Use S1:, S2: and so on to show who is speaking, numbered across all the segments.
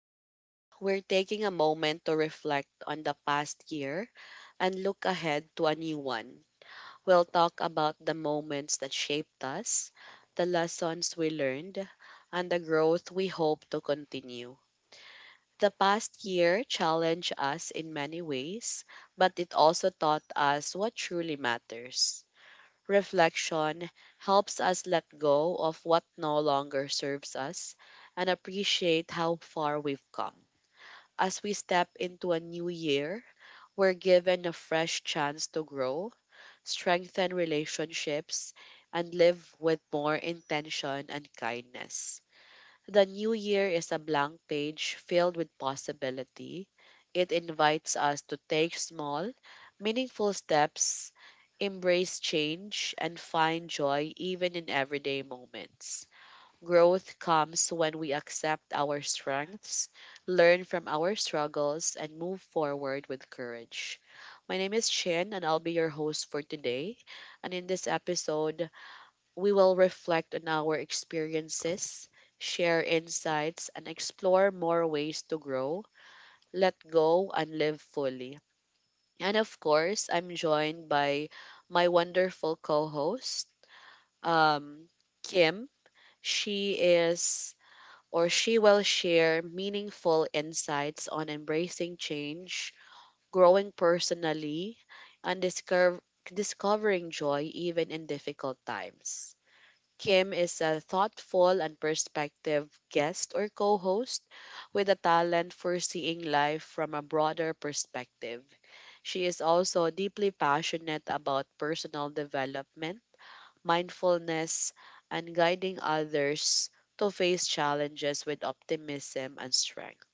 S1: Today, we're taking a moment to reflect on the past year and look ahead to a new one. We'll talk about the moments that shaped us, the lessons we learned, and the growth we hope to continue. The past year challenged us in many ways, but it also taught us what truly matters. Reflection helps us let go of what no longer serves us and appreciate how far we've come. As we step into a new year, we're given a fresh chance to grow, strengthen relationships, and live with more intention and kindness. The new year is a blank page filled with possibility. It invites us to take small, meaningful steps, embrace change, and find joy even in everyday moments. Growth comes when we accept our strengths, learn from our struggles, and move forward with courage. My name is Chin, and I'll be your host for today. And in this episode, we will reflect on our experiences, share insights, and explore more ways to grow, let go, and live fully. And of course, I'm joined by my wonderful co host, um, Kim. She is or she will share meaningful insights on embracing change, growing personally, and discovering joy even in difficult times. Kim is a thoughtful and perspective guest or co host with a talent for seeing life from a broader perspective. She is also deeply passionate about personal development, mindfulness, and guiding others to face challenges with optimism and strength.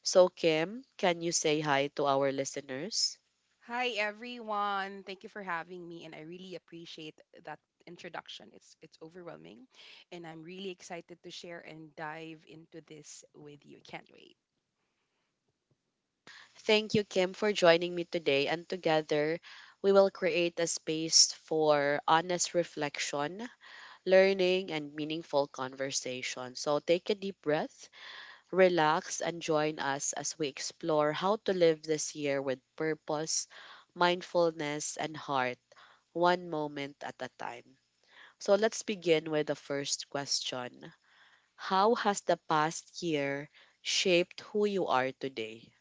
S1: So, Kim, can you say hi to our listeners?
S2: Hi everyone. Thank you for having me and I really appreciate that introduction. It's overwhelming and I'm really excited to share and dive into this with you. Can't wait.
S1: Thank you, Kim, for joining me today. And together, we will create a space for honest reflection, learning, and meaningful conversation. So take a deep breath, relax, and join us as we explore how to live this year with purpose, mindfulness, and heart, one moment at a time. So let's begin with the first question: how has the past year shaped who you are today?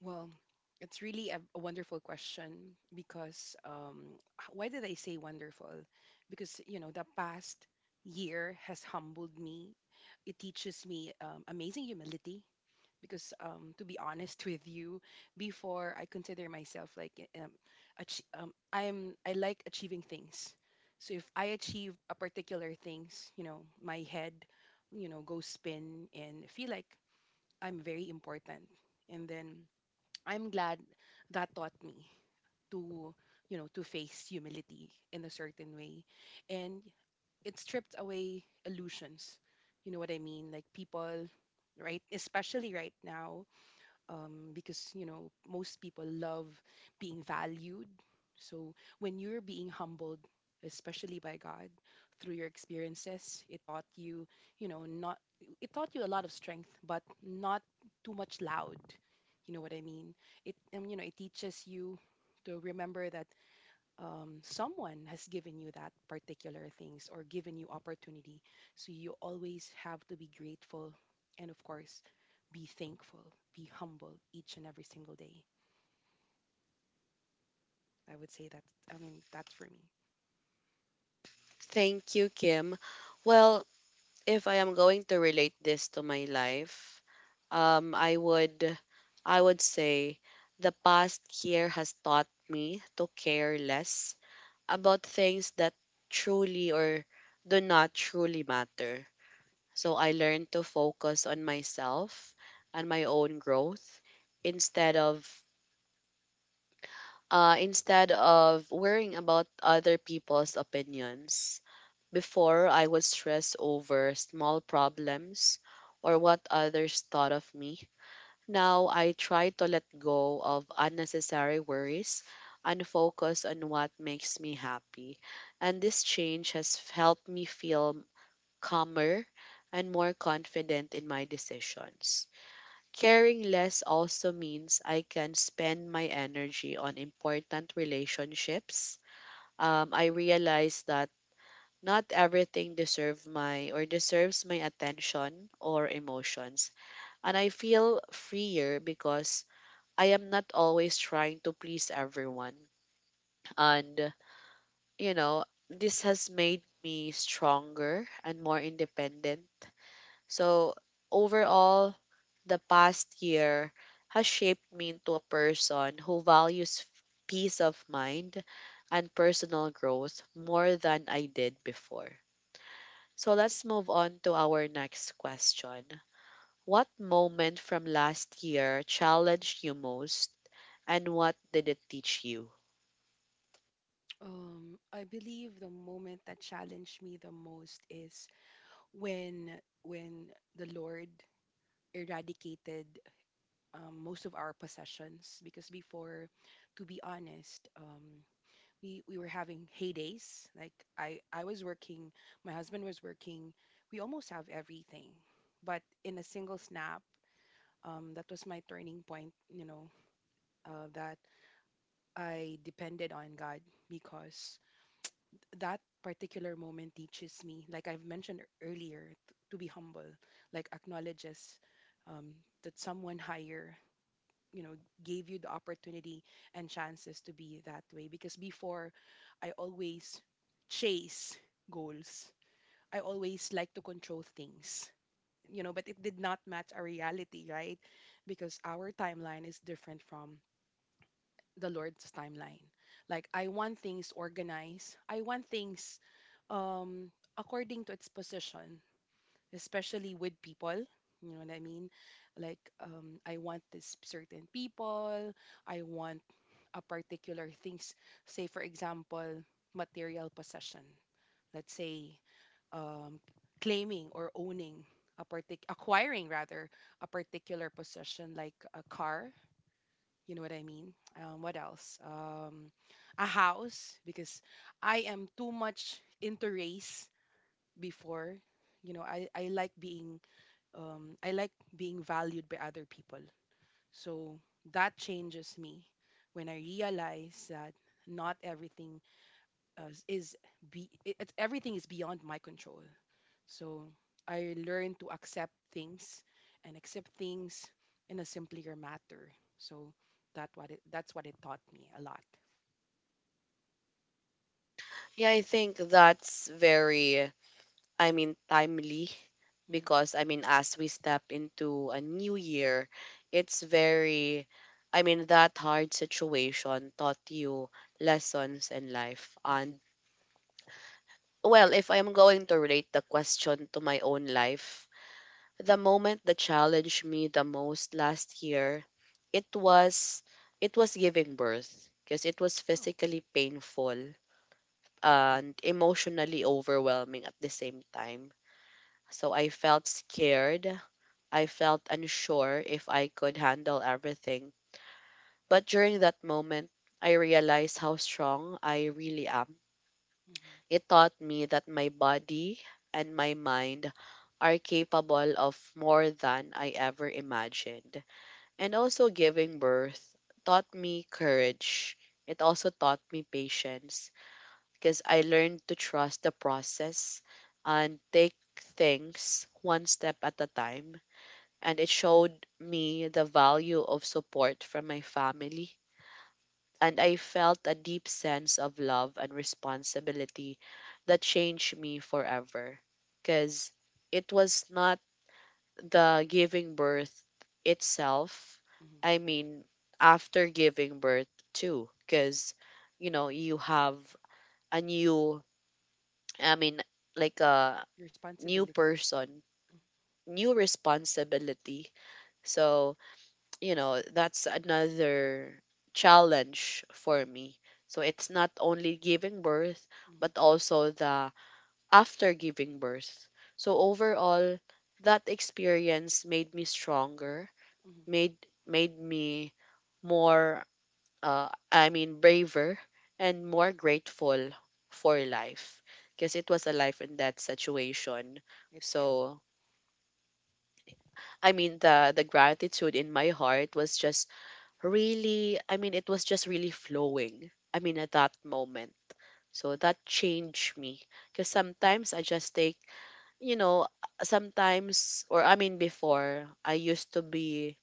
S2: Well, it's really a wonderful question because why did I say wonderful? Because, you know, the past year has humbled me. It teaches me amazing humility because, to be honest with you, before I consider myself like I like achieving things. So if I achieve a particular things, you know, my head, you know, goes spin and feel like I'm very important. And then I'm glad that taught me to, you know, to face humility in a certain way. And it stripped away illusions. You know what I mean? Like people, right? Especially right now, because you know most people love being valued. So when you're being humbled, especially by God through your experiences, it taught you, you know, not it taught you a lot of strength, but not too much loud. You know what I mean? It You know, it teaches you to remember that someone has given you that particular things or given you opportunity. So you always have to be grateful and, of course, be thankful, be humble each and every single day. I would say that, I mean, that's for me.
S1: Thank you, Kim. Well, if I am going to relate this to my life, um, I would, I would say, the past year has taught me to care less about things that truly or do not truly matter. So I learned to focus on myself and my own growth instead of, instead of worrying about other people's opinions. Before, I was stressed over small problems or what others thought of me. Now, I try to let go of unnecessary worries and focus on what makes me happy. And this change has helped me feel calmer and more confident in my decisions. Caring less also means I can spend my energy on important relationships. I realize that not everything deserve my or deserves my attention or emotions. And I feel freer because I am not always trying to please everyone. And you know, this has made me stronger and more independent. So overall, the past year has shaped me into a person who values peace of mind and personal growth more than I did before. So let's move on to our next question. What moment from last year challenged you most and what did it teach you?
S2: True. I believe the moment that challenged me the most is when when the Lord eradicated most of our possessions. Because before, to be honest, we were having heydays. Like I was working, my husband was working. We almost have everything, but in a single snap, that was my turning point. You know, that I depended on God because that particular moment teaches me, like I've mentioned earlier, to be humble, like acknowledges um, that someone higher, you know, gave you the opportunity and chances to be that way because before I always chase goals. I always like to control things, you know, but it did not match our reality, right? Because our timeline is different from the Lord's timeline. Like I want things organized. I want things, um according to its position, especially with people, you know what I mean? Like I want this certain people. I want a particular things. Say, for example, material possession. Let's say um, claiming or owning acquiring rather a particular possession like a car. You know what I mean? What else? A house because I am too much into race before. You know, I like being I like being valued by other people. So that changes me when I realize that not everything is everything is beyond my control. So I learn to accept things and accept things in a simpler matter. So that's what it taught me a lot.
S1: Yeah, I think that's very, I mean, timely
S2: Hmm.
S1: because, I mean, as we step into a new year, it's very, I mean, that hard situation taught you lessons in life. And,
S2: Hmm.
S1: well, if I'm going to relate the question to my own life, the moment that challenged me the most last year, it was it was giving birth, because it was
S2: Oh,
S1: physically painful and emotionally overwhelming at the same time. So I felt scared. I felt unsure if I could handle everything. But during that moment, I realized how strong I really am.
S2: hmm.
S1: It taught me that my body and my mind are capable of more than I ever imagined. And also giving birth taught me courage. It also taught me patience because I learned to trust the process and take things one step at a time. And it showed me the value of support from my family. And I felt a deep sense of love and responsibility that changed me forever, because it was not the giving birth itself,
S2: Hmm.
S1: I mean, after giving birth too, because you know, you have a new, I mean, like a new
S2: Responsibility.
S1: person, new responsibility. So you know that's another challenge for me. So it's not only giving birth,
S2: Mm-hmm.
S1: but also the after giving birth. So overall, that experience made me stronger,
S2: Hmm.
S1: made made me more, uh, I mean braver and more grateful for life, because it was a life in that situation.
S2: It's true.
S1: So I mean the gratitude in my heart was just really, I mean it was just really flowing, I mean at that moment. So that changed me because sometimes I just take, you know, sometimes, or I mean before I used to be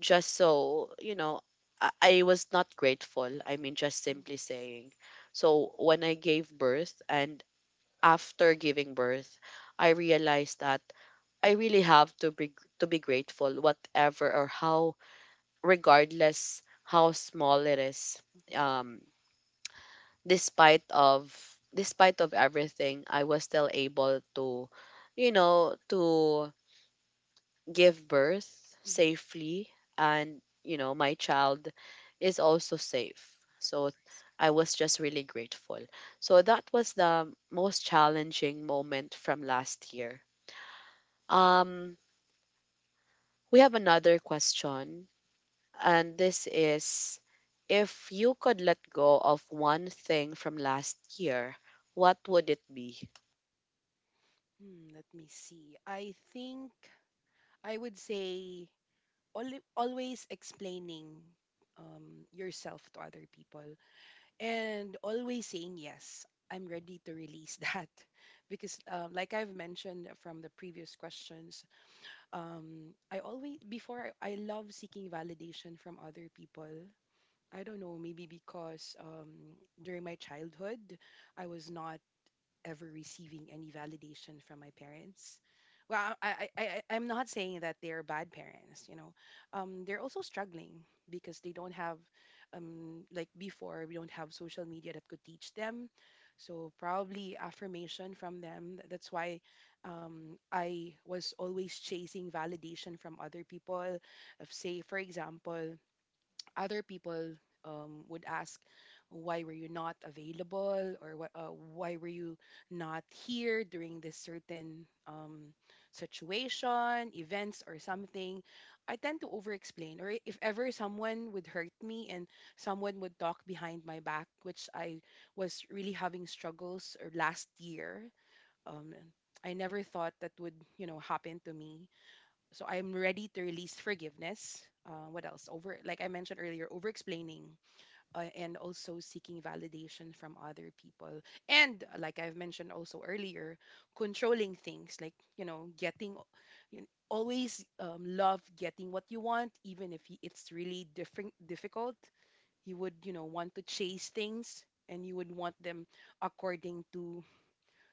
S1: just, so you know, I was not grateful, I mean just simply saying. So when I gave birth and after giving birth, I realized that I really have to be, to be grateful whatever or how, regardless how small it is.
S2: Mm-hmm.
S1: Um, despite of despite of everything I was still able to, you know, to give birth
S2: Hmm.
S1: safely, and you know my child is also safe, so
S2: Praise
S1: I was just really grateful. So that was the most challenging moment from last year. Um, we have another question, and this is, if you could let go of one thing from last year, what would it be?
S2: God. Hmm, let me see. I think I would say always explaining, yourself to other people and always saying yes. I'm ready to release that because, like I've mentioned from the previous questions, I always before I love seeking validation from other people. I don't know, maybe because during my childhood, I was not ever receiving any validation from my parents. Well, I am not saying that they're bad parents, you know. They're also struggling because they don't have, like before, we don't have social media that could teach them. So probably affirmation from them. That's why I was always chasing validation from other people. Of say, for example, other people would ask, why were you not available or why were you not here during this certain situation, events, or something, I tend to over explain. Or if ever someone would hurt me and someone would talk behind my back, which I was really having struggles or last year, um, I never thought that would, you know, happen to me, so I'm ready to release forgiveness. What else? Over, like I mentioned earlier, over explaining, and also seeking validation from other people. And like I've mentioned also earlier, controlling things, like, you know, getting, you always love getting what you want, even if it's really different, difficult. You would, you know, want to chase things and you would want them according to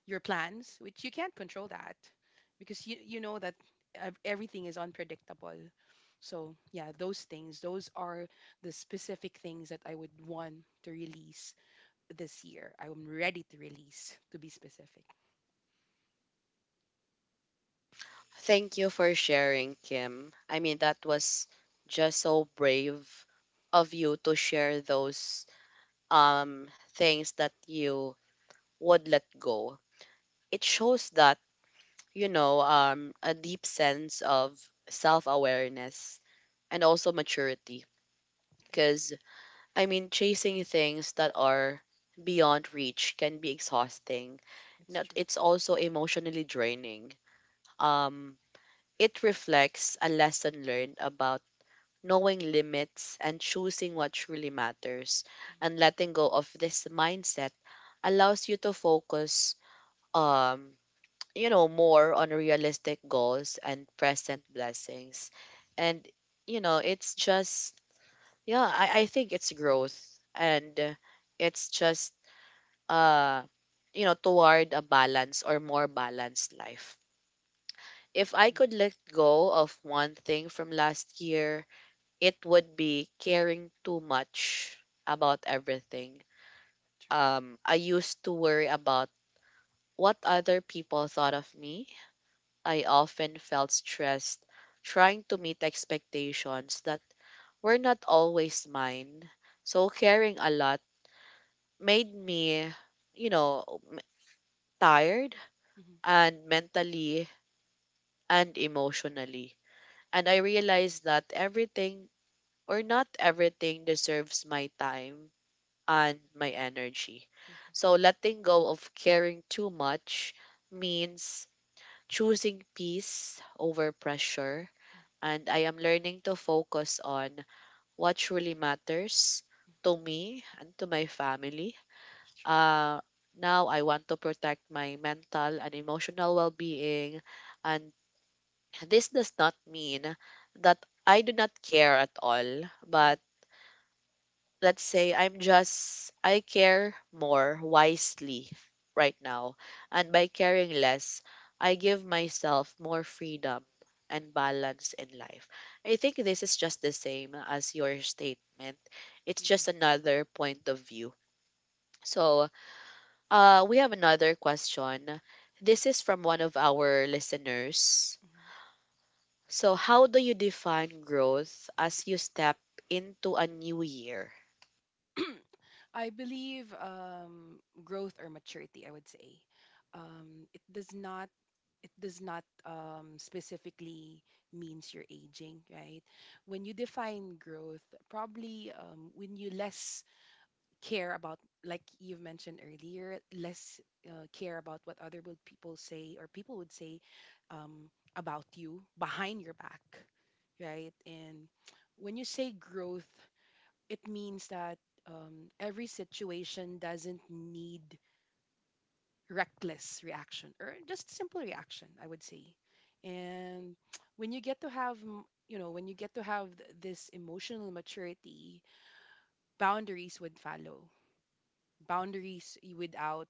S2: your plans, which you can't control that because you know that everything is unpredictable. So yeah, those things, those are the specific things that I would want to release this year. I'm ready to release, to be specific.
S1: Thank you for sharing, Kim. I mean, that was just so brave of you to share those things that you would let go. It shows that, you know, a deep sense of self-awareness and also maturity,
S2: I think
S1: because I mean, chasing things that are beyond reach can be exhausting.
S2: it's
S1: Not
S2: true.
S1: it's also emotionally draining. Um, it reflects a lesson learned about knowing limits and choosing what truly matters,
S2: Mm,
S1: and letting go of this mindset allows you to focus, um, you know, more on realistic goals and present blessings. And you know it's just, yeah, I think it's growth, and it's just, uh, you know, toward a balance or more balanced life. If I could let go of one thing from last year, it would be caring too much about everything.
S2: it's true.
S1: I used to worry about what other people thought of me. I often felt stressed trying to meet expectations that were not always mine. So caring a lot made me, you know, m- tired,
S2: Hmm.
S1: and mentally and emotionally. And I realized that everything, or not everything deserves my time and my energy. So
S2: Hmm.
S1: letting go of caring too much means choosing peace over pressure. And I am learning to focus on what truly matters to me and to my family.
S2: It's true.
S1: Uh, now I want to protect my mental and emotional well being. And this does not mean that I do not care at all,
S2: Hmm.
S1: but let's say I'm just, I care more wisely right now. And by caring less, I give myself more freedom and balance in life. I think this is just the same as your statement. It's just
S2: Yes.
S1: another point of view. So, uh, we have another question. This is from one of our listeners. So, how do you define growth as you step into a new year?
S2: Hmm. I believe growth or maturity, I would say it does not specifically means you're aging, right? When you define growth, probably when you less care about, like you've mentioned earlier, less care about what other would people say or people would say um, about you behind your back, right? And when you say growth, it means that every situation doesn't need reckless reaction or just simple reaction, I would say. And when you get to have you know, when you get to have this emotional maturity, boundaries would follow, boundaries without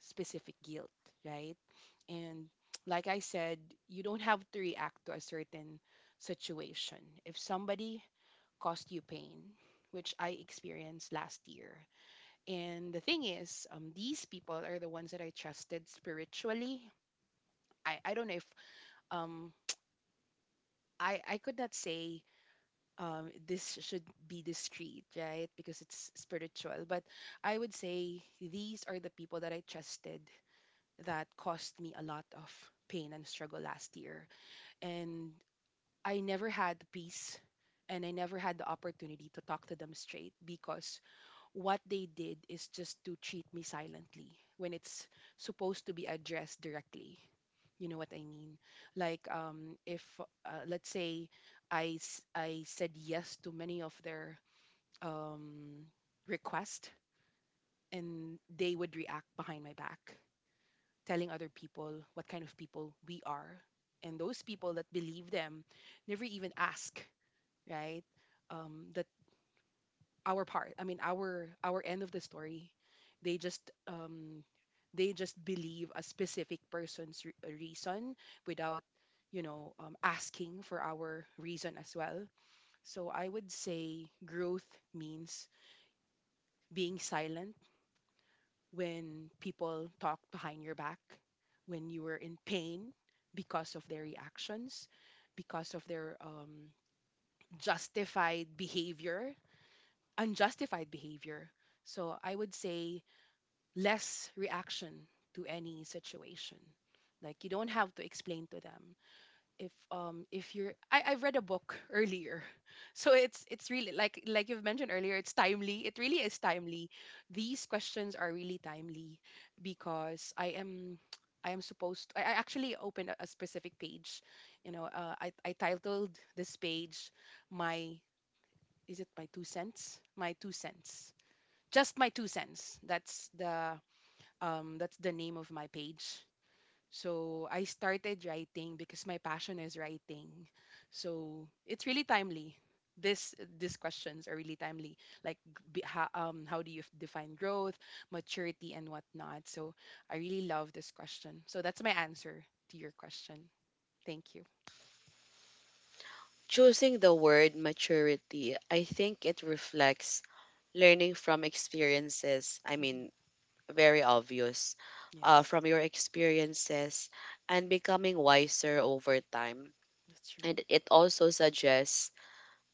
S2: specific guilt, right? And like I said, you don't have to react to a certain situation if somebody caused you pain, which I experienced last year. And the thing is, these people are the ones that I trusted spiritually. I don't know if um I could not say, this should be discreet, right? Because it's spiritual. But I would say these are the people that I trusted that cost me a lot of pain and struggle last year. And I never had peace and I never had the opportunity to talk to them straight because what they did is just to treat me silently when it's supposed to be addressed directly. You know what I mean? Like, if let's say I said yes to many of their um, requests, and they would react behind my back, telling other people what kind of people we are, and those people that believe them never even ask, right? That our part I mean, our end of the story, they just um they just believe a specific person's reason without, you know, asking for our reason as well. So I would say growth means being silent when people talk behind your back, when you were in pain because of their reactions, because of their justified behavior, unjustified behavior. So I would say less reaction to any situation. Like, you don't have to explain to them if you're I read a book earlier. So it's really, like you've mentioned earlier, it's timely. It really is timely. These questions are really timely because I am supposed I actually opened a specific page. You know, I titled this page my, is it my two cents? My two cents. Just my two cents. That's the name of my page. So I started writing because my passion is writing. So it's really timely. This These questions are really timely. Like how do you define growth, maturity, and whatnot? So I really love this question. So that's my answer to your question. Thank you.
S1: Choosing the word maturity, I think it reflects learning from experiences. I mean,
S2: Hmm.
S1: very obvious,
S2: Yes,
S1: from your experiences and becoming wiser over time.
S2: that's true.
S1: And it also suggests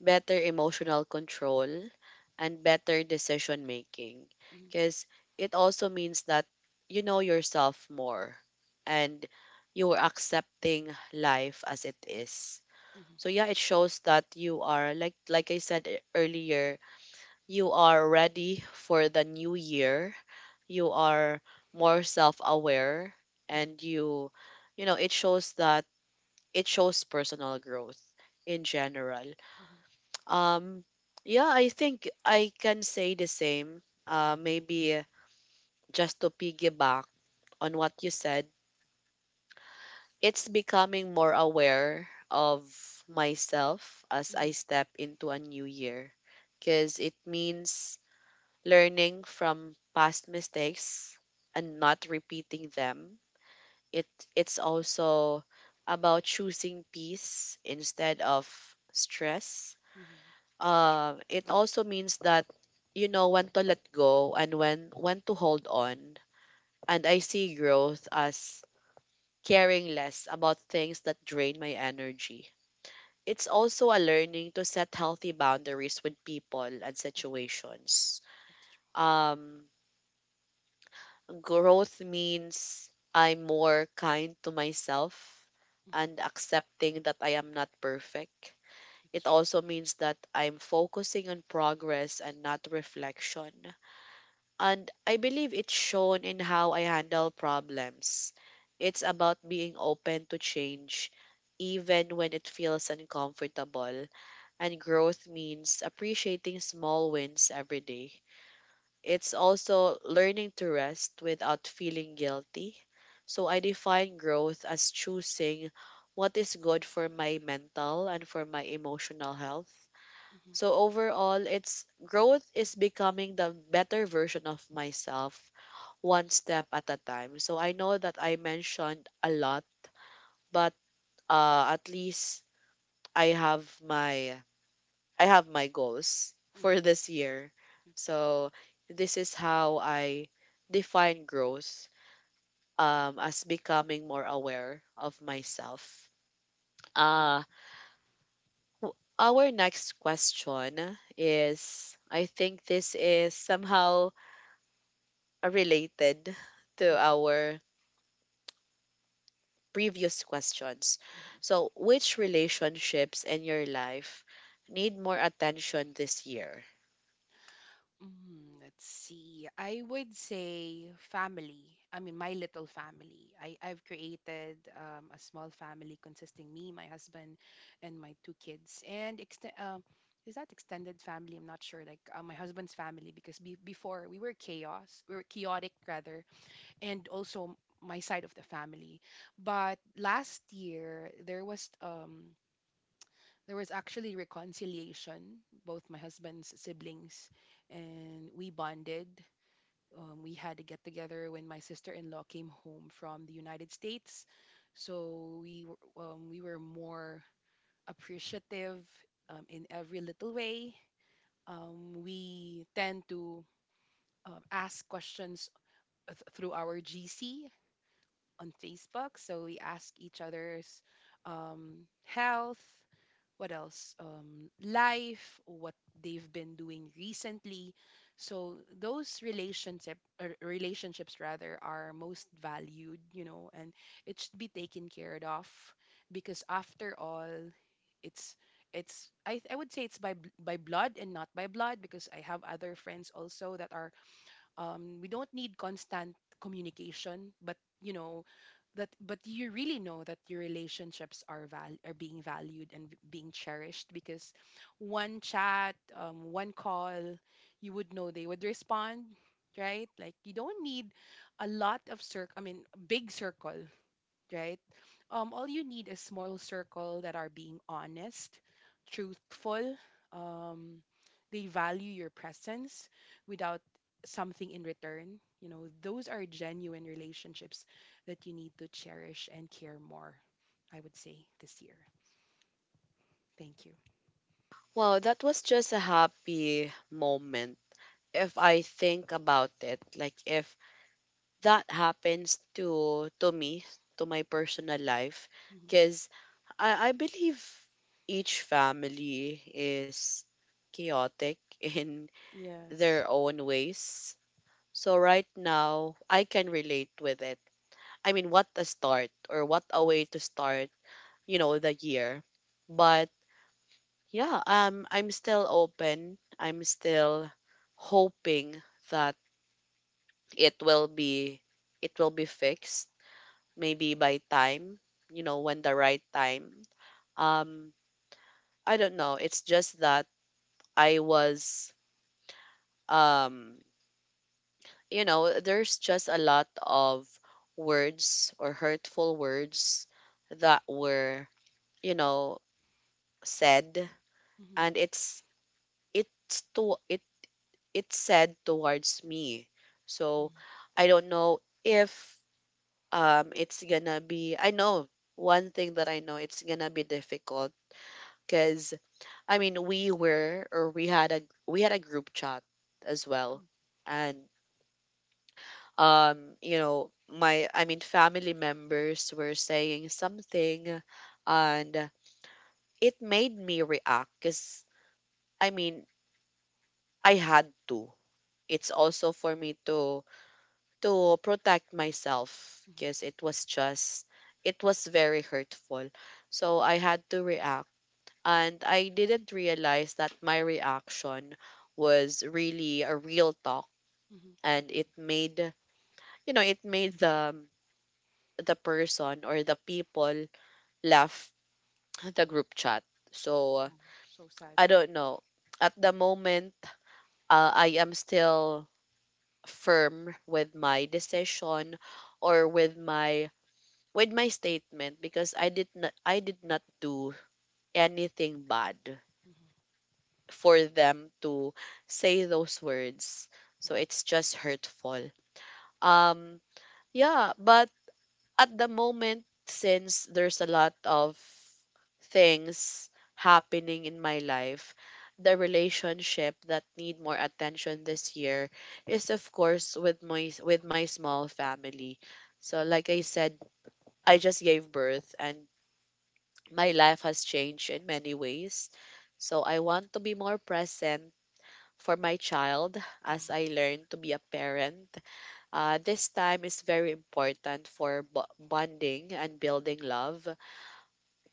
S1: better emotional control and better decision making,
S2: Mhm.
S1: because it also means that you know yourself more and you're accepting life as it is.
S2: Mhm.
S1: So yeah, it shows that you are, like I said earlier, you are ready for the new year. You are more self-aware
S2: Mhm.
S1: and you know, it shows that it shows personal growth in general.
S2: Mhm.
S1: Um, yeah, I think I can say the same. Uh, maybe just to piggyback on what you said, it's becoming more aware of myself as I
S2: Mhm.
S1: step into a new year, because it means learning from past mistakes and not repeating them. It it's also about choosing peace instead of stress.
S2: Mhm.
S1: It also means that you know when to let go and when to hold on. And I see growth as caring less about things that drain my energy. It's also a learning to set healthy boundaries with people and situations.
S2: That's true.
S1: Um, growth means I'm more kind to myself
S2: Mhm.
S1: and accepting that I am not perfect.
S2: That's
S1: It
S2: true.
S1: also means that I'm focusing on progress and not reflection. And I believe it's shown in how I handle problems. It's about being open to change, even when it feels uncomfortable. And growth means appreciating small wins every day. It's also learning to rest without feeling guilty. So I define growth as choosing what is good for my mental and for my emotional health.
S2: Mhm.
S1: So overall, it's growth is becoming the better version of myself one step at a time. So I know that I mentioned a lot, but at least I have my I have my goals
S2: Mhm.
S1: for this year.
S2: That's true.
S1: So this is how I define growth as becoming more aware of myself.
S2: I like
S1: Uh,
S2: that.
S1: our next question is, I think this is somehow related to
S2: Mhm.
S1: our previous questions.
S2: Mhm.
S1: So, which relationships in your life need more attention this year?
S2: Mm, let's see. I would say family. I mean, my little family. I've created a small family consisting me, my husband, and my two kids. And is that extended family? I'm not sure. Like my husband's family, because before we were chaos, we were chaotic rather, and also my side of the family. But last year there was actually reconciliation both my husband's siblings, and we bonded. We had a get together when my sister-in-law came home from the United States. So we were more appreciative, in every little way. We tend to ask questions through our GC on Facebook. So we ask each other's, health, what else, life, what they've been doing recently. So those relationships rather are most valued, you know, and it should be taken care of because after all it's I would say it's by blood and not by blood, because I have other friends also that are, we don't need constant communication, but you know that, but you really know that your relationships are being valued and being cherished. Because one chat, one call, you would know they would respond, right? Like you don't need a lot of circle, I mean big circle, right? All you need is small circle that are being honest, truthful. Um, they value your presence without something in return. You know, those are genuine relationships that you need to cherish and care more. I would say this year. Thank you.
S1: Wow, that was just a happy moment if I think about it, like if that happens to me, to my personal life,
S2: Hmm.
S1: because I believe each family is chaotic in
S2: Yes.
S1: their own ways. So right now, I can relate with it. I mean, what a start or what a way to start, you know, the year. But yeah, I'm still open. I'm still hoping that it will be it will be fixed maybe by time, you know, when the right time. um I don't know, it's just that I was, um you know, there's just a lot of words or hurtful words that were, you know, said,
S2: Mm-hmm.
S1: and it's to it it's said towards me. So
S2: Mm.
S1: I don't know if, it's gonna be, I know one thing that I know it's gonna be difficult, because I mean we were, or we had a group chat as
S2: Oh,
S1: well, and you know, my, I mean, family members were saying something, and it made me react because I mean I had to. It's also for me to protect myself,
S2: mm-hmm.
S1: because it was just, it was very hurtful, so I had to react. And I didn't realize that my reaction was really a real talk,
S2: Mm-hmm.
S1: and it made, you know, it made the person or the people laugh. The group chat. So
S2: Oh, so sad.
S1: I don't know. At the moment, I am still firm with my decision, or with my, with my statement, because I did not do anything bad
S2: Mm-hmm.
S1: for them to say those words. So it's just hurtful. Um yeah, but at the moment, since there's a lot of things happening in my life, the relationship that need more attention this year is, of course, with my, with my small family. So like I said, I just gave birth and my life has changed in many ways. So I want to be more present for my child
S2: Oh, no.
S1: as I learn to be a parent. This time is very important for bonding and building love.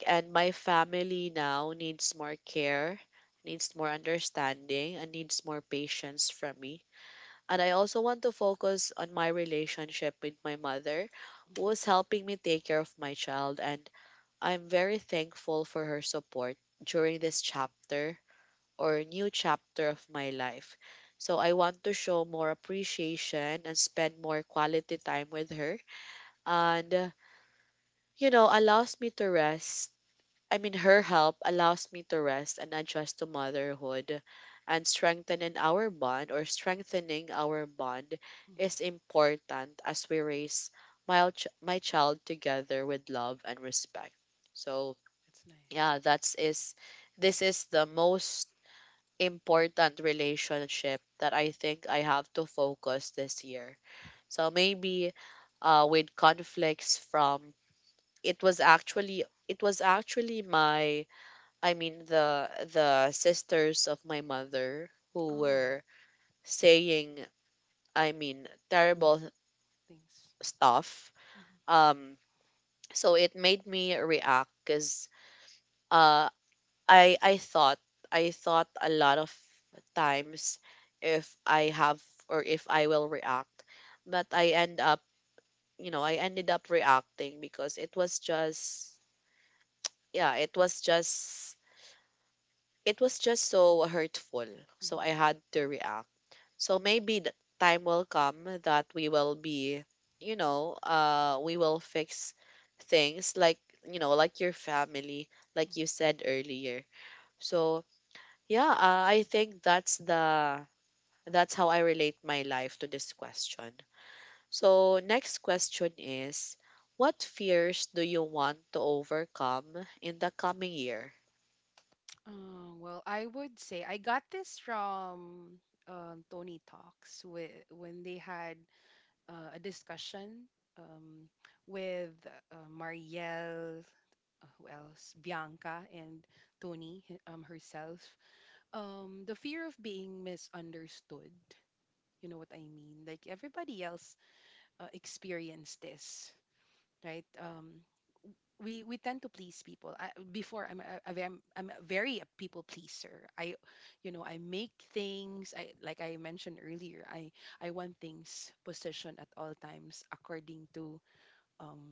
S1: And my family now needs more care, needs more understanding, and needs more patience from me. And I also want to focus on my relationship with my mother, who is
S2: Mm-hmm.
S1: helping me take care of my child. And I'm very thankful for her support during this chapter, or new chapter of my life. So I want to show more appreciation and spend more quality time with her. And, you know, allows me to rest. I mean, her help allows me to rest and adjust to motherhood, and strengthening our bond, or strengthening our bond is
S2: Mm-hmm.
S1: important as we raise my, my child together with love and respect. So,
S2: That's nice.
S1: yeah, that's is this is the most important relationship that I think I have to focus this year. So maybe, with conflicts from, it was actually my, I mean, the sisters of my mother who
S2: Oh,
S1: were saying, I mean, terrible
S2: nice. Thanks.
S1: stuff.
S2: Mm-hmm.
S1: Um, so it made me react because, uh, I thought, I thought a lot of times if I have, or if I will react, but I end up, you know, I ended up reacting because it was just, yeah, it was just, it was just so hurtful, so I
S2: Mhm,
S1: had to react. So maybe the time will come that we will be, you know, we will fix things like, you know, like your family, like
S2: mhm.
S1: you said earlier. So yeah, I think that's the, that's how I relate my life to this question. So, next question is, what fears do you want to overcome in the coming year?
S2: Well, I would say I got this from, Tony Talks with, when they had, a discussion, um, with, Marielle, who else? Bianca and Tony herself. The fear of being misunderstood. You know what I mean? Like everybody else, experienced this, right? We tend to please people. I, before I'm a very, I'm a very a people pleaser. I, you know, I make things. I like I mentioned earlier, I want things positioned at all times according to, um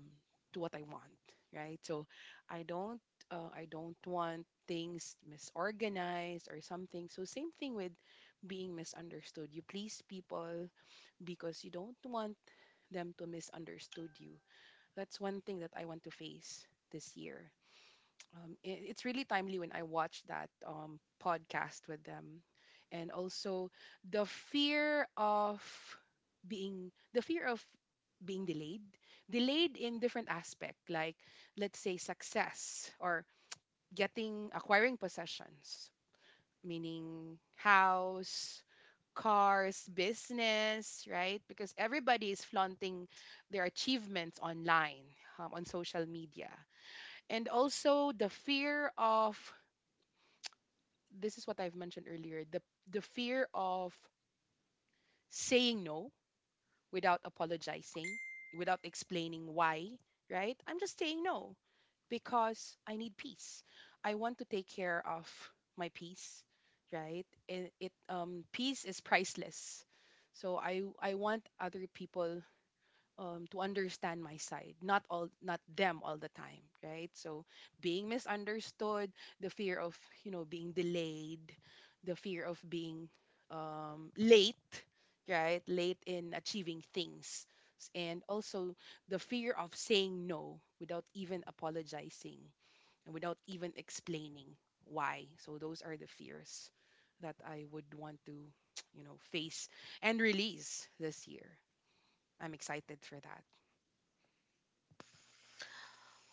S2: to what I want, right? So I don't, I don't want things misorganized or something. So same thing with being misunderstood. You please people because you don't want them to misunderstood you. That's one thing that I want to face this year. It's really timely when I watch that podcast with them. And also the fear of the fear of being delayed, delayed in different aspect, like let's say success, or getting acquiring possessions, meaning house, cars, business, right? Because everybody is flaunting their achievements online, on social media. And also the fear of, this is what I've mentioned earlier, the fear of saying no without apologizing, without explaining why, right? I'm just saying no because I need peace. I want to take care of my peace, right? It peace is priceless. So I want other people, to understand my side, not all, not them all the time, right? So being misunderstood, the fear of, you know, being delayed, the fear of being, late, right? Late in achieving things. And also the fear of saying no without even apologizing and without even explaining why. So those are the fears that I would want to, you know, face and release this year. I'm excited for that.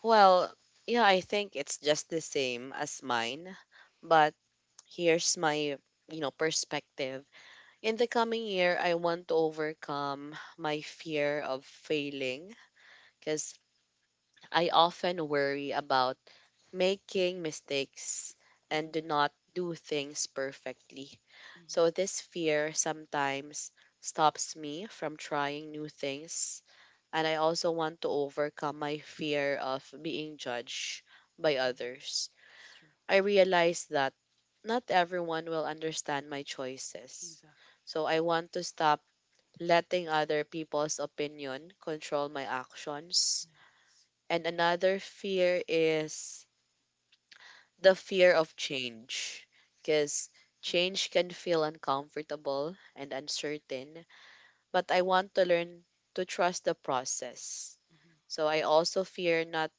S1: Well, yeah, I think it's just the same as mine, but here's my, you know, perspective. In the coming year, I want to overcome my fear of failing, because I often worry about making mistakes and
S2: Mm-hmm.
S1: do not do things perfectly. So
S2: Mm-hmm.
S1: this fear sometimes stops me from trying new things. And I also want to overcome my fear of being judged by
S2: Hmm.
S1: others.
S2: That's true.
S1: I realize that not everyone will understand my choices.
S2: Exactly.
S1: So I want to stop letting other people's opinion control my actions.
S2: Yes.
S1: And another fear is the fear of change, because change
S2: Mm-hmm.
S1: can feel uncomfortable and uncertain, but I want to learn to trust the process. So I also fear not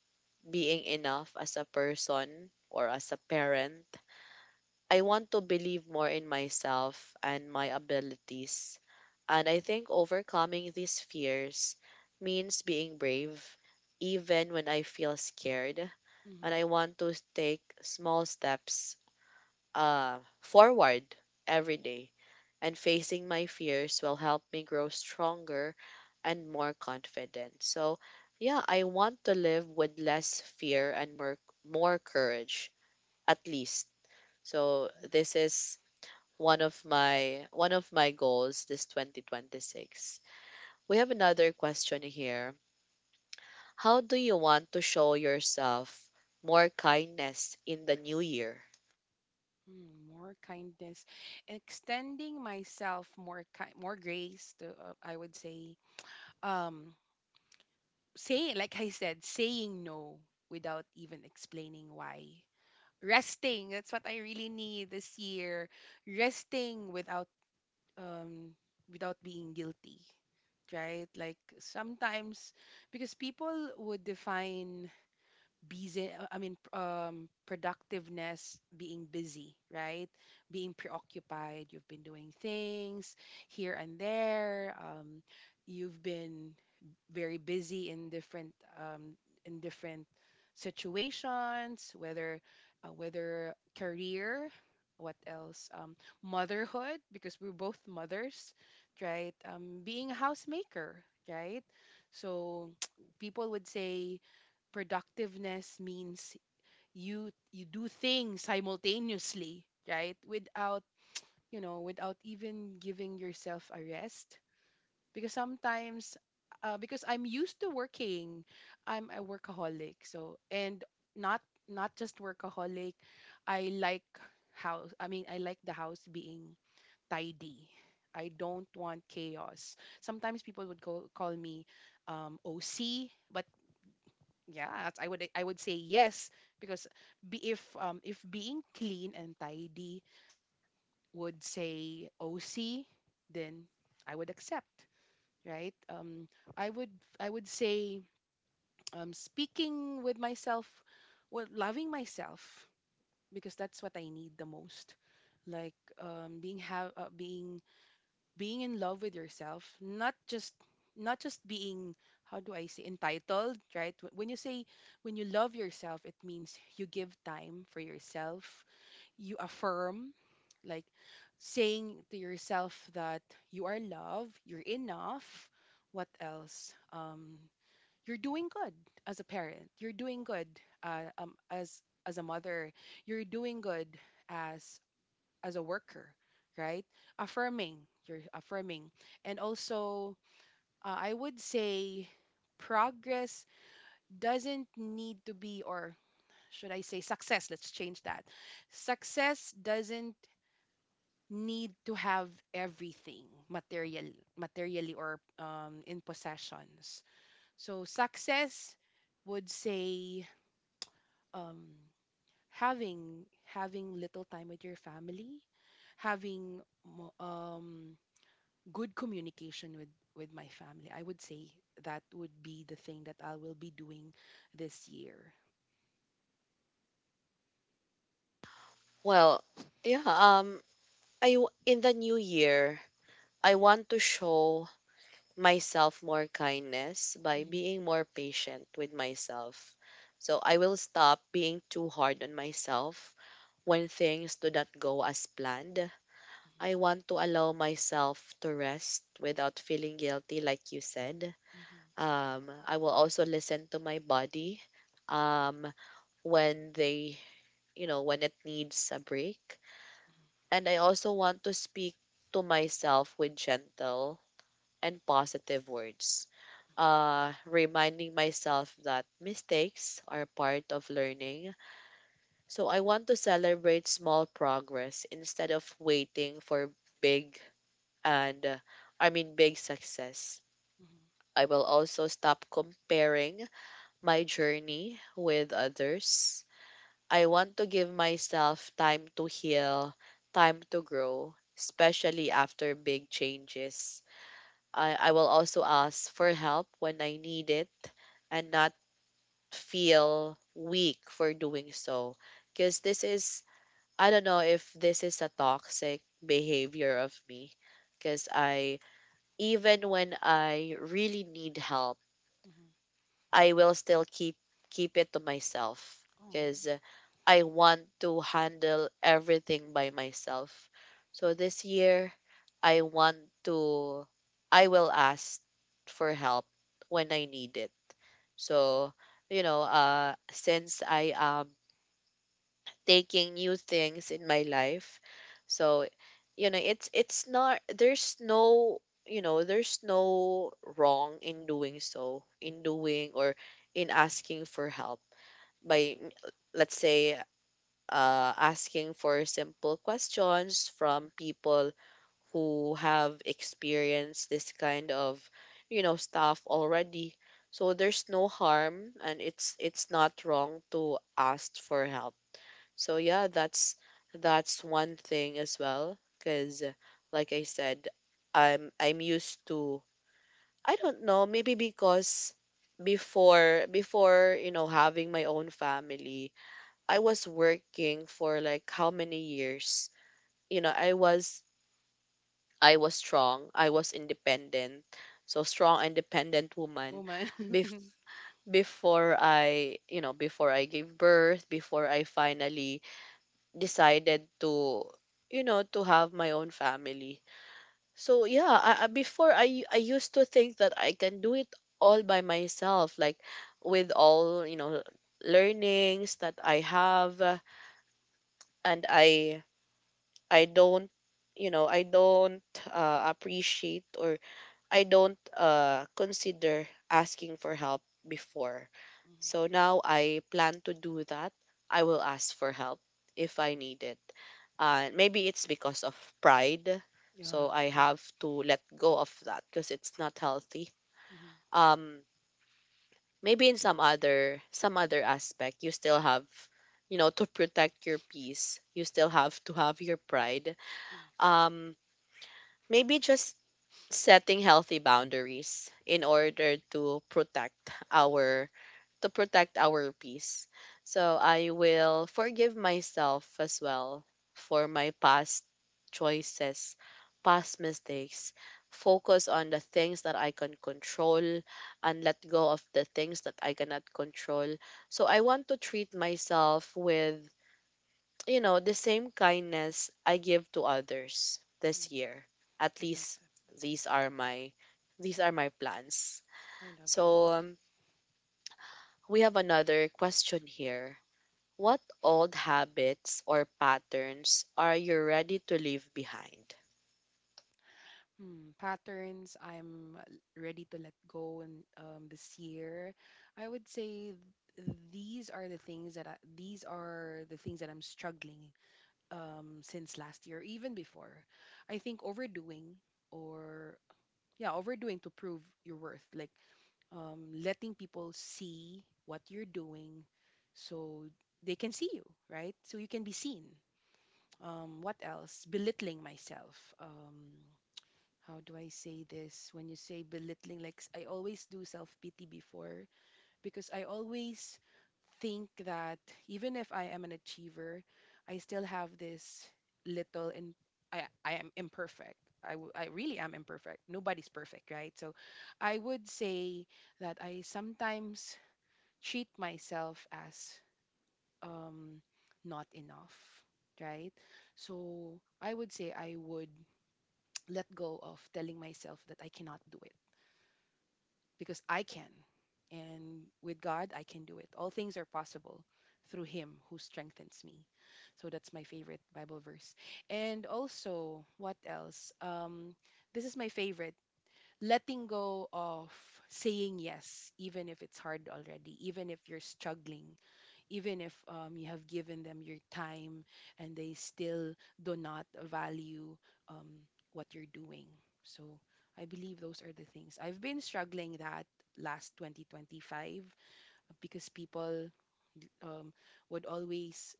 S1: being enough as a person or as a parent. I want to believe more in myself and my abilities. And I think overcoming these fears means being brave even when I feel scared,
S2: Mm-hmm.
S1: and
S2: Mm-hmm.
S1: I want to take small steps forward every day. And facing my fears will help me grow stronger and more confident. So, yeah, I want to live with less fear and more, more courage, at least. So, this is one of my goals this 2026. We have another question here. How do you want to show yourself more kindness in the new year?
S2: More kindness, extending myself more grace to, I would say, um say like I said, saying no without even explaining why. Resting, that's what I really need this year. Resting without, um without being guilty. Right? Like sometimes, because people would define busy, productiveness, being busy, right? Being preoccupied, you've been doing things here and there, you've been very busy in different, um in different situations, whether, whether career, what else, motherhood, because we're both mothers, right? Um, being a housemaker, right? So people would say productiveness means you do things simultaneously, right? Without, you know, without even giving yourself a rest. Because sometimes, because I'm used to working, I'm a workaholic. So and not, not just workaholic, I like, house I mean I like the house being tidy. I don't want chaos. Sometimes people would go, call me, OC. But yeah, I would say yes, because, if being clean and tidy would say OC, then I would accept, right? I would I would say, speaking with myself, well, loving myself, because that's what I need the most. Like, being have being being in love with yourself, not just, not just being, how do I say, entitled, right? Wh- when you say, when you love yourself, it means you give time for yourself, you affirm, like, saying to yourself that you are loved, you're enough, what else, you're doing good as a parent, you're doing good, as a mother, you're doing good as as a worker, right? Affirming, you're affirming. And also, I would say progress doesn't need to be, or should I say success? Let's change that. Success doesn't need to have everything material, materially, or, in possessions. So success would say, um, having little time with your family, having, mo- um, good communication with my family. I would say that would be the thing that I will be doing this year.
S1: Well, yeah, I in the new year, I want to show myself more kindness by
S2: Mhm,
S1: being more patient with myself. So I will stop being too hard on myself when things do not go as planned.
S2: mhm,
S1: I want to allow myself to rest without feeling guilty, like you said.
S2: mhm,
S1: I will also listen to my body, um when they, you know, when it needs a break. And I also want to speak to myself with gentle and positive words, reminding myself that mistakes are part of learning. So I want to celebrate small progress instead of waiting for big and, I mean, big success.
S2: mhm,
S1: I will also stop comparing my journey with others. I want to give myself time to heal, time to grow, especially after big changes. I will also ask for help when I need it, and not feel weak for doing so. Because this is, I don't know if this is a toxic behavior of me. Because I, even when I really need help,
S2: mhm.
S1: I will still keep it to myself
S2: Oh,
S1: because I want to handle everything by myself. So this year I want to I will ask for help when I need it. So, you know, since I am taking new things in my life. So, you know, it's not there's no, you know, there's no wrong in doing so, in doing, or in asking for help by let's say, asking for simple questions from people who have experienced this kind of, you know, stuff already. So there's no harm, and it's not wrong to ask for help. So yeah, that's one thing as well, cuz like I said, I'm used to, I don't know, maybe because you know, having my own family, I was working for like how many years? You know, I was strong, I was independent. So strong independent woman
S2: woman.
S1: bef- before I, you know, before I gave birth, before I finally decided to, you know, to have my own family. So yeah, I used to think that I can do it all by myself, like with all, you know, learnings that I have, and I don't, you know, I don't, appreciate, or I don't, consider asking for help before. So
S2: Mhm.
S1: now I plan to do that. I will ask for help if I need it. Maybe it's because of pride.
S2: Yeah.
S1: So I
S2: Mhm,
S1: have to let go of that because it's not healthy.
S2: mhm.
S1: Um, Maybe in some other, some other aspect, you still have, you know, to protect your peace. You still have to have your pride.
S2: Yes.
S1: Um, Maybe just setting healthy boundaries in
S2: I like.
S1: order to protect our, to protect our peace. So I will forgive myself as well for my past choices, past mistakes, focus on the things that I can control and let go of the things that I cannot control. So I want to treat myself with, you know, the same kindness I give to others
S2: I
S1: this
S2: like.
S1: year. At
S2: I like
S1: least
S2: that.
S1: these are my, these are my plans.
S2: I love that.
S1: So we have another question here. What old habits or patterns are you ready to leave behind?
S2: Hmm, patterns ready to let go in, this year. I would say these are the things that I'm struggling, since last year, even before. I think overdoing, or yeah, overdoing to prove your worth, like, letting people see what you're doing, so they can see you, right? So you can be seen. What else? Belittling myself. How do I say this? When you say belittling, I always do self pity before, because I always think that even if I am an achiever, I still have this little and I am imperfect. I really am imperfect. Nobody's perfect, right? So I would say that I sometimes treat myself as, um, not enough, right? So I would say I would, let go of telling myself that I cannot do it, because I can. And with God, I can do it. All things are possible through Him who strengthens me. So that's my favorite Bible verse. And also, what else? This is my favorite, letting go of saying yes, even if it's hard already, even if you're struggling, even if, you have given them your time and they still do not value, um, what you're doing. So I believe those are the things. I've been struggling that last 2025, because people, um, would always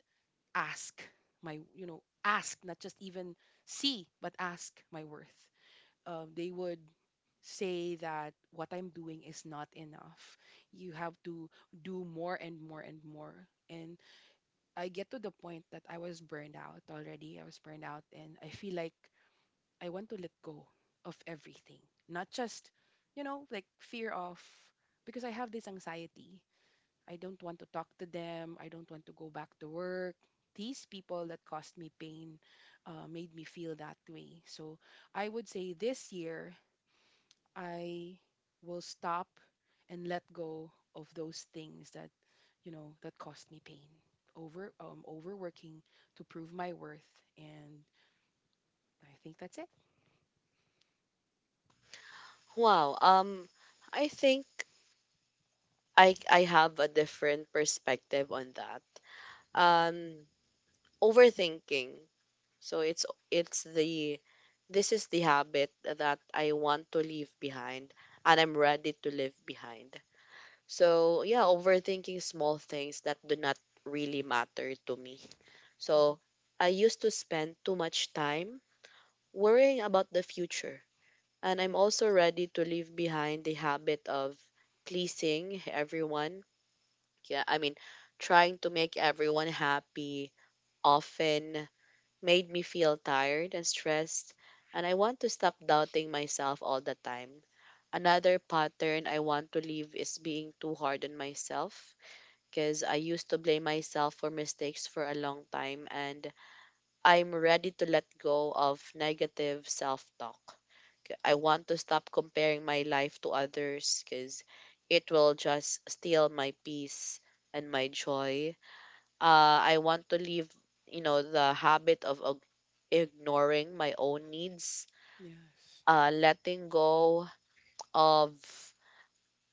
S2: ask my, you know, ask, not just even see, but ask my worth. They would say that what I'm doing is not enough. You have to do more and more and more. And I get to the point that I was burned out already. I was burned out and I feel like I want to let go of everything. Not just, you know, like fear of, because I have this anxiety. I don't want to talk to them. I don't want to go back to work. These people that caused me pain, made me feel that way. So I would say this year I will stop and let go of those things that, you know, that cost me pain, over, overworking to prove my worth, and I think that's it.
S1: Wow, I think I have a different perspective on that. Um Overthinking. So it's the this is the habit that I want to leave behind and I'm ready to leave behind. So yeah, overthinking small things that do not really matter to me.
S2: Hmm.
S1: So I used to spend too much time worrying about the future. And I'm also
S2: Yes.
S1: ready to leave behind the habit of pleasing everyone. Yeah, I mean, trying to make everyone happy often made me feel tired and stressed, and I want to stop doubting myself all the time. Another pattern I want to leave is being too hard on myself because I used to blame myself for mistakes for a long time, and I'm ready to let go of negative self talk. I want to stop comparing my life to others because it will just steal my peace and my joy. I want to leave, you know, the habit of ignoring my own needs,
S2: Yes.
S1: letting go of.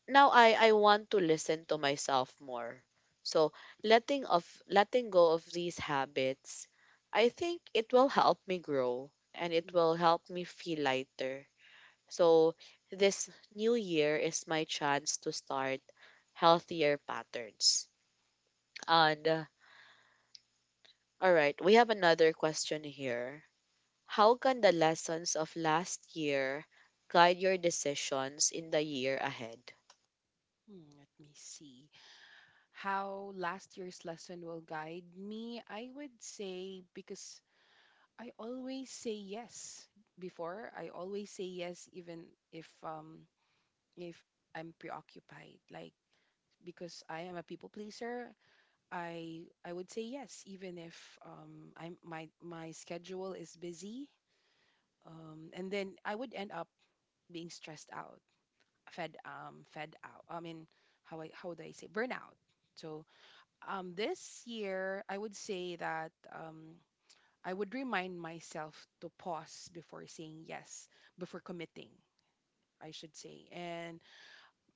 S1: Now I want to listen to myself more. So letting of letting go of these habits, I think it will help me grow and it will help me feel lighter. So this new year is my chance to start healthier patterns. And All right, we have another question here. How can the lessons of last year guide your decisions in the year ahead?
S2: Mhm. Let me see how last year's lesson will guide me. I would say because I always say yes before. I always say yes, even if, if I'm preoccupied. Like because I am a people pleaser, I would say yes, even if, I'm my my schedule is busy, and then I would end up being stressed out, fed out. I mean, how I how do I say burnout? So, this year I would say that, I would remind myself to pause before saying yes, before committing. I should say, and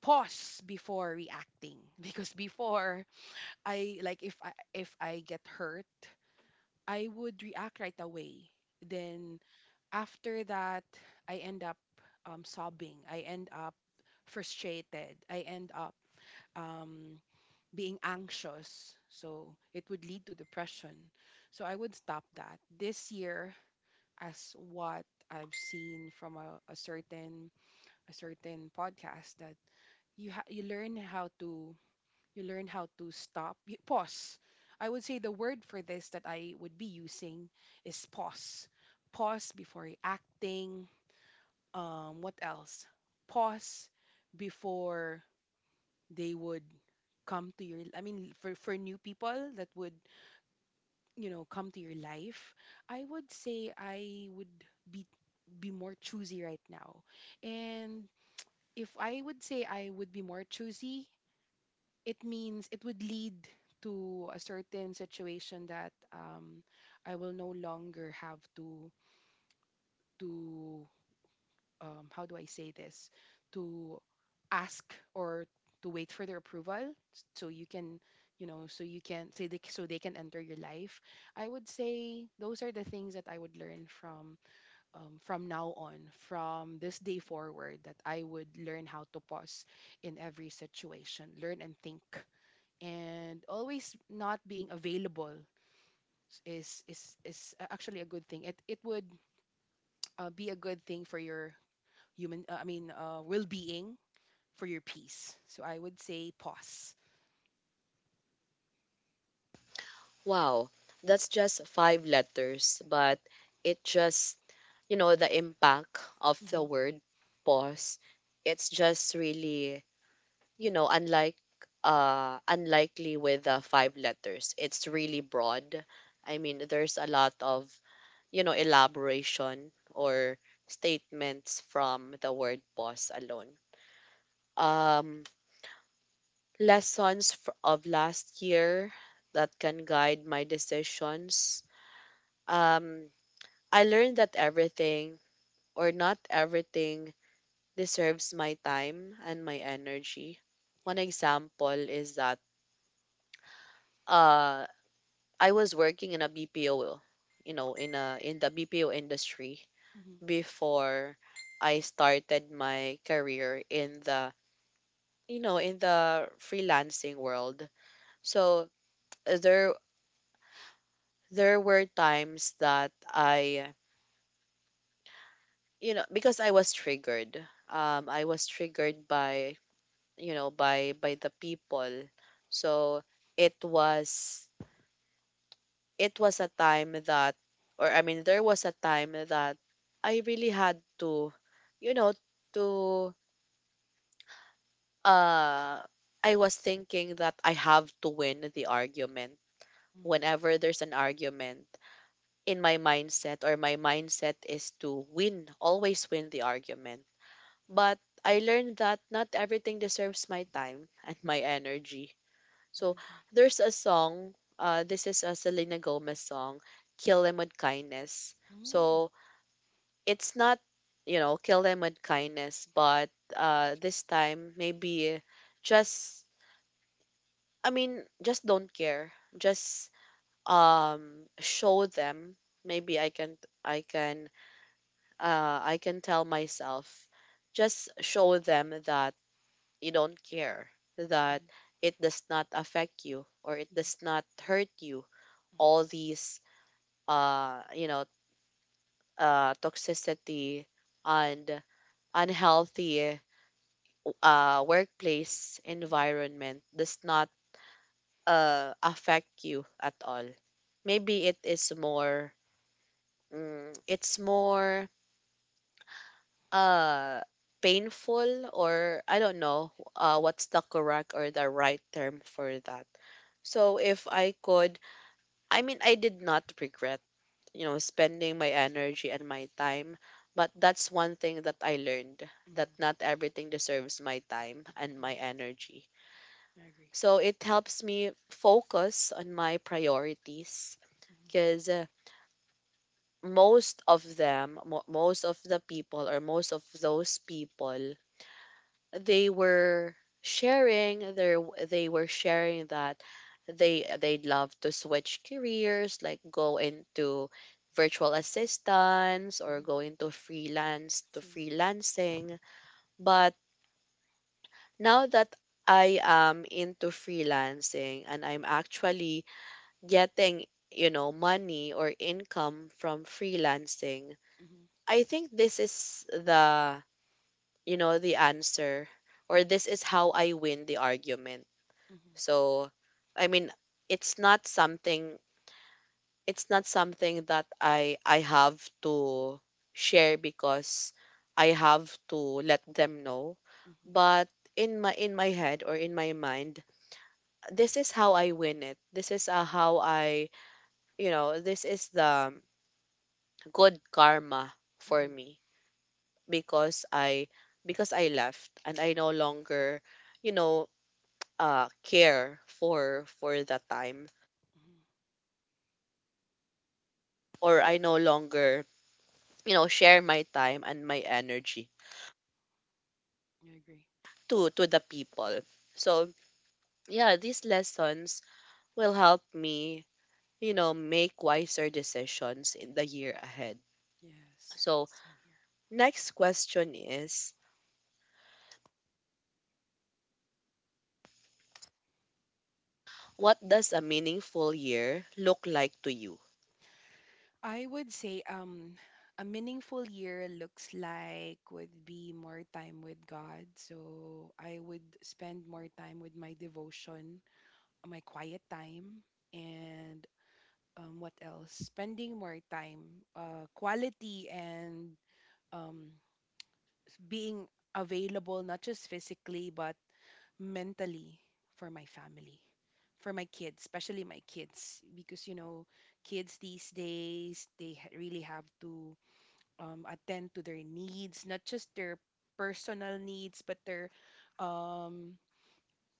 S2: pause before reacting because before I, like if I, if I get hurt, I would react right away. Then after that, I end up, sobbing. I end up frustrated. I end up, um, being anxious. So it would lead to depression. So I would stop that this year, as what I've seen from a certain podcast, that you learn how to, you learn how to stop, you pause. I would say the word for this that I would be using is pause. Pause before acting, what else, pause before they would come to your, I mean for new people that would, you know, come to your life, I would say I would be be more choosy right now. And if I would say I would be more choosy, it means it would lead to a certain situation that, I will no longer have to, how do I say this, to ask, or to wait for their approval, so you can, you know, so you can say so they can enter your life. I would say those are the things that I would learn from, from now on, from this day forward, that I would learn how to pause in every situation. Learn and think, and always not being available is actually a good thing. It would, be a good thing for your human. I mean, well-being for your peace. So I would say pause.
S1: Wow, that's just five letters, but it just, you know, the impact of the
S2: Mm-hmm. Yes.
S1: word pause, it's just really, you know, unlike unlikely with the five letters. It's really broad. I mean, there's a lot of, you know, elaboration or statements from the word pause alone. Um Lessons fr- of last year that can guide my decisions. Um, I learned that everything or not everything deserves my time and my energy.
S2: I
S1: One
S2: like,
S1: example is that uh, I was working in a BPO, you know, in a in the BPO industry
S2: mm-hmm.
S1: before I started my career in the you know in the freelancing world. So there there were times that I, you know, because I was triggered. I was triggered by, you know, by the people. So it was it was a time that, or I mean, there was a time that I really had to, you know, to uh, I was thinking that I have to win the argument.
S2: Mm,
S1: Whenever there's an argument, in my mindset or my mindset is to win, always win the argument. But I learned that not everything deserves my time and my energy.
S2: I
S1: So
S2: agree.
S1: there's a song, this is a Selena Gomez song, Kill Them With Kindness.
S2: Mm, mm-hmm,
S1: So it's not, you know, kill them with kindness, but this time maybe just, I mean, just don't care. Just show them. Maybe I can, I can tell myself, just show them that you don't care, that
S2: mm-hmm,
S1: it does not affect you or it does not hurt you,
S2: mm-hmm,
S1: all these you know toxicity and unhealthy workplace
S2: mm-hmm,
S1: environment does not affect you at all. Maybe it is more it's more uh painful or I don't know, what's the correct or the right term for that. So if I could, I mean, I did not regret, you know, spending my energy and my time, but that's one thing that I learned, that
S2: mm-hmm.
S1: not everything deserves my time and
S2: Right.
S1: my
S2: Yes,
S1: energy.
S2: I agree.
S1: So it helps me focus on my priorities
S2: Mm-hmm,
S1: because most of them, mo- most of the people, or most of those people, they were sharing their they were sharing that they'd love to switch careers, like go into virtual assistants or
S2: mm-hmm.
S1: go into freelance to
S2: Sing.
S1: freelancing. But now that I am into freelancing and I'm actually getting, you know, money or income from freelancing,
S2: Mm-hmm,
S1: I think this is the, you know, the answer, or this is how I win the argument.
S2: mm-hmm,
S1: So, I mean, it's not something it's not something that I have to share because I have to let them know.
S2: mm-hmm,
S1: But in my head or in my mind, this is how I win it. This is how I, you know, this is the good karma for
S2: mm-hmm,
S1: me because I because I left and I no longer, you know, care for the time,
S2: mm-hmm.
S1: or I no longer, you know, share my time and my energy
S2: I agree.
S1: to the people. So, yeah, these lessons will help me, you know, make wiser decisions in the year ahead.
S2: Yes.
S1: So,
S2: Same here.
S1: next question is, what does a meaningful year look like to you?
S2: I would say a meaningful year looks like would be more time with God. So I would spend more time with my devotion, my quiet time, and what else? Spending more time, quality, and um, being available not just physically but mentally for my family, for my kids, especially my kids, because kids these days they really have to attend to their needs, not just their personal needs, but um,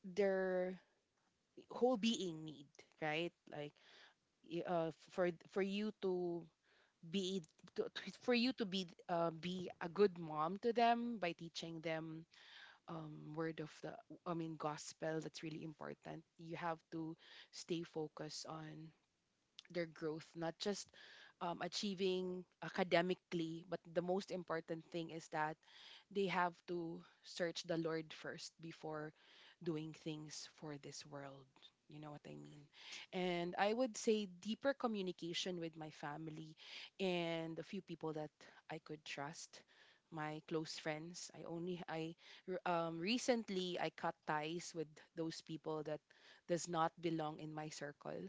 S2: their whole being need, right? Like for you to be for you to be a good mom to them by teaching them word of the I mean gospel. That's really important. You have to stay focused on their growth, not just achieving academically, but the most important thing is that they have to search the Lord first before doing things for this world. You know what I mean? And I would say deeper communication with my family and a few people that I could trust my close friends. I recently I cut ties with those people that does not belong in my circle,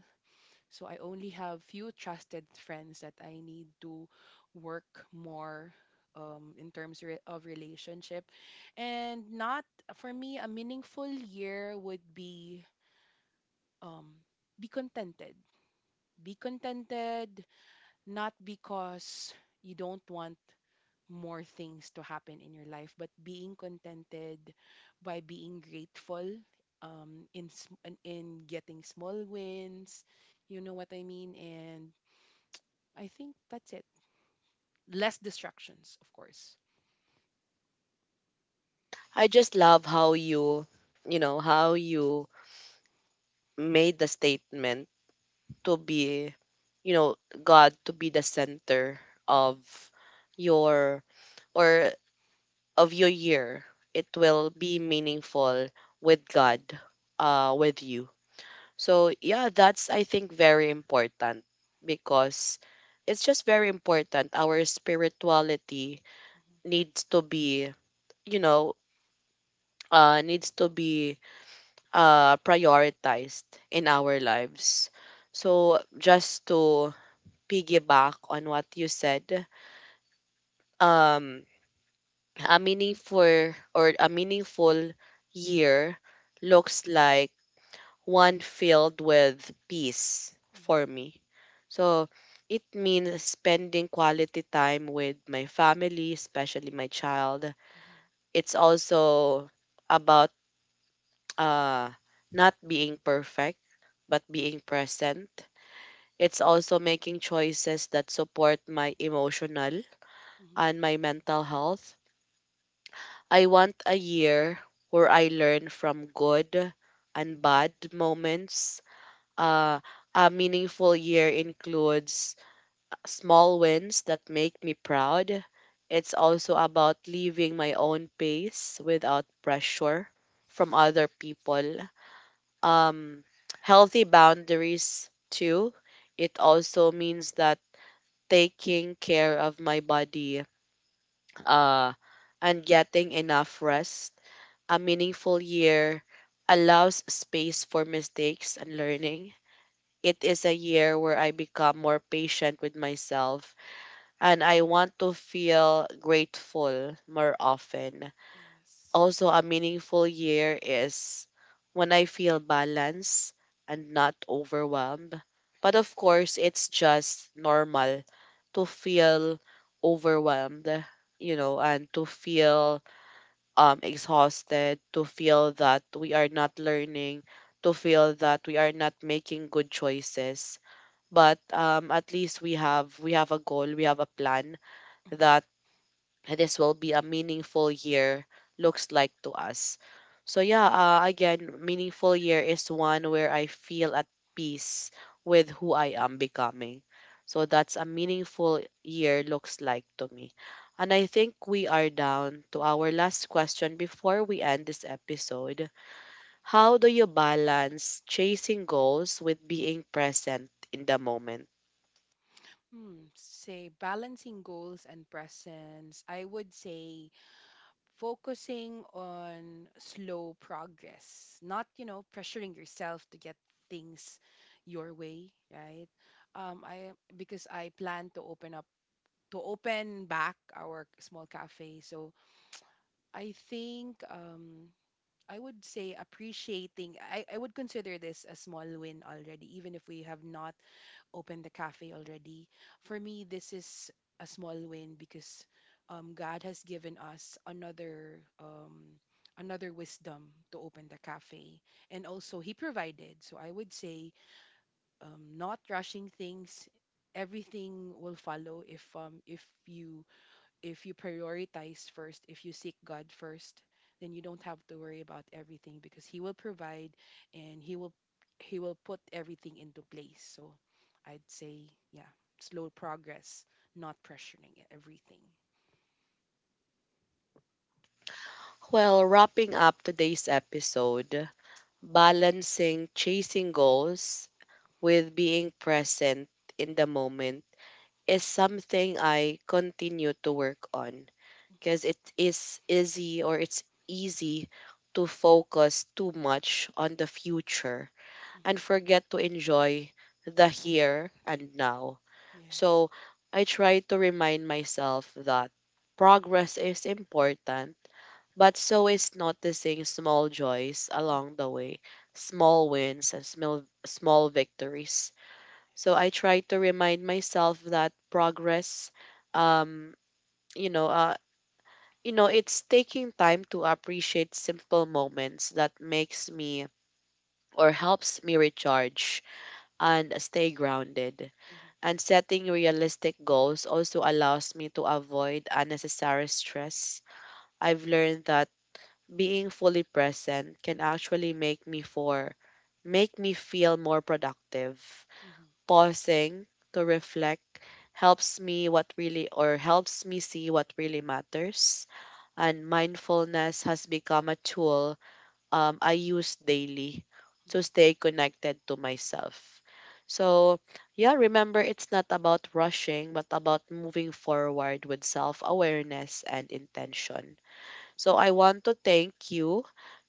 S2: so I only have few trusted friends that I need to work more in terms of relationship. And not for me, a meaningful year would um, be contented. Be contented, not because you don't want more things to happen in your life, but being contented by being grateful in, in getting small wins. You know what I mean? And I think that's it. Less distractions, of course.
S1: I just love how you, you know, how you made the statement to be, you know, God to be the center
S2: Mhm,
S1: of your or of your year, it will be meaningful with God, with you. So, yeah, that's, I think, very important because it's just very important. Our spirituality
S2: mhm,
S1: needs to be, you know, needs to be prioritized in our lives. So, just to piggyback on what you said, um, a meaningful or a meaningful year looks like one filled with peace
S2: mhm,
S1: for me. So it means spending quality time with my family, especially my child. It's also about uh, not being perfect, but being present. It's also making choices that support my emotional
S2: mhm, mhm.
S1: and my mental health. I want a year where I learn from good and bad moments. Uh, a meaningful year includes small wins that make me proud. It's also about leaving my own pace without pressure from other people. Um, healthy boundaries, too. It also means that taking care of my body uh, and getting enough rest. A meaningful year allows space for mistakes and learning. It is a year where I become more patient with myself and I want to feel grateful more often.
S2: Yes.
S1: Also, a meaningful year is when I feel balanced and not overwhelmed. But of course, it's just normal to feel overwhelmed, you know, and to feel exhausted, to feel that we are not learning, to feel that we are not making good choices. But at least we have a goal, we have a plan
S2: Mhm.
S1: that this will be a meaningful year looks like to us. So yeah, again, meaningful year is one where I feel at peace with who I am becoming. So that's a meaningful year looks like to me. And I think we are down to our last question before we end this episode. How do you balance chasing goals with being present in the moment?
S2: Hmm. Say balancing goals and presence. I would say focusing on slow progress, not, you know, pressuring yourself to get things your way, right? I because I plan to open up to open back our small cafe. So I think I would say appreciating. I would consider this a small win already, even if we have not opened the cafe already. For me, this is a small win because God has given us another another wisdom to open the cafe, and also He provided. So I would say not rushing things. Everything will follow if you prioritize first, if you seek God first, then you don't have to worry about everything because He will provide and He will put everything into place. So I'd say, yeah, slow progress, not pressuring everything.
S1: Well, wrapping up today's episode, balancing chasing goals with being present in the moment is something I continue to work on
S2: Hmm.
S1: because it is easy or it's easy to focus too much on the future and
S2: Hmm.
S1: forget to enjoy the here and now.
S2: Yes.
S1: So I try to remind myself that progress is important, but so is noticing small joys
S2: Hmm.
S1: along the way, small wins and small, small victories. So I
S2: Yes.
S1: try to remind myself that progress, um, you know, uh, you know, it's taking time to appreciate simple moments that makes me or helps me recharge and stay grounded.
S2: Hmm.
S1: And setting realistic goals also allows me to avoid unnecessary stress. I've learned that being fully present can actually make me for make me feel more productive.
S2: Hmm. Hmm.
S1: Pausing to reflect helps me what really or helps me see what really matters, and mindfulness has become a tool I use daily to stay connected to myself. So, yeah, remember, it's not about rushing but about moving forward with self-awareness and intention. So I want to thank you,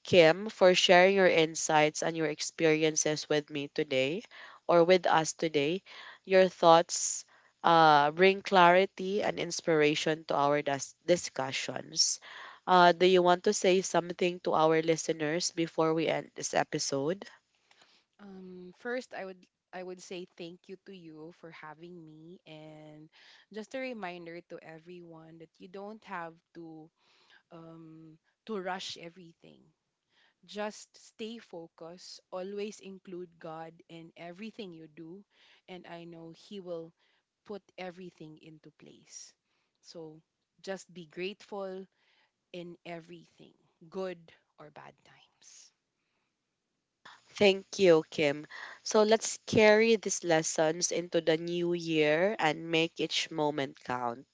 S1: Kim, for sharing your insights and your experiences with me today or with us today. Your thoughts bring clarity and inspiration to our dis- discussions. Do you want to say something to our listeners before we end this episode?
S2: First, I would say thank you to you for having me, and just a reminder to everyone that you don't have um, to rush everything. Just stay focused, always include God in everything you do, and I know He will put everything into place. So just be grateful in everything, good or bad times.
S1: Thank you, Kim. So let's carry these lessons into the new year and make each moment count.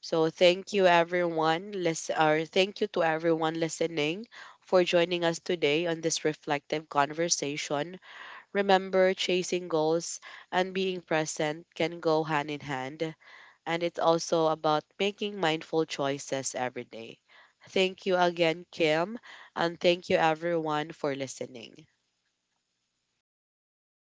S1: So thank you everyone listen or thank you to everyone listening for joining us today on this reflective conversation. Remember, chasing goals and being present can go hand in hand, and it's also about making mindful choices every day. Thank you again, Kim, and thank you everyone for listening.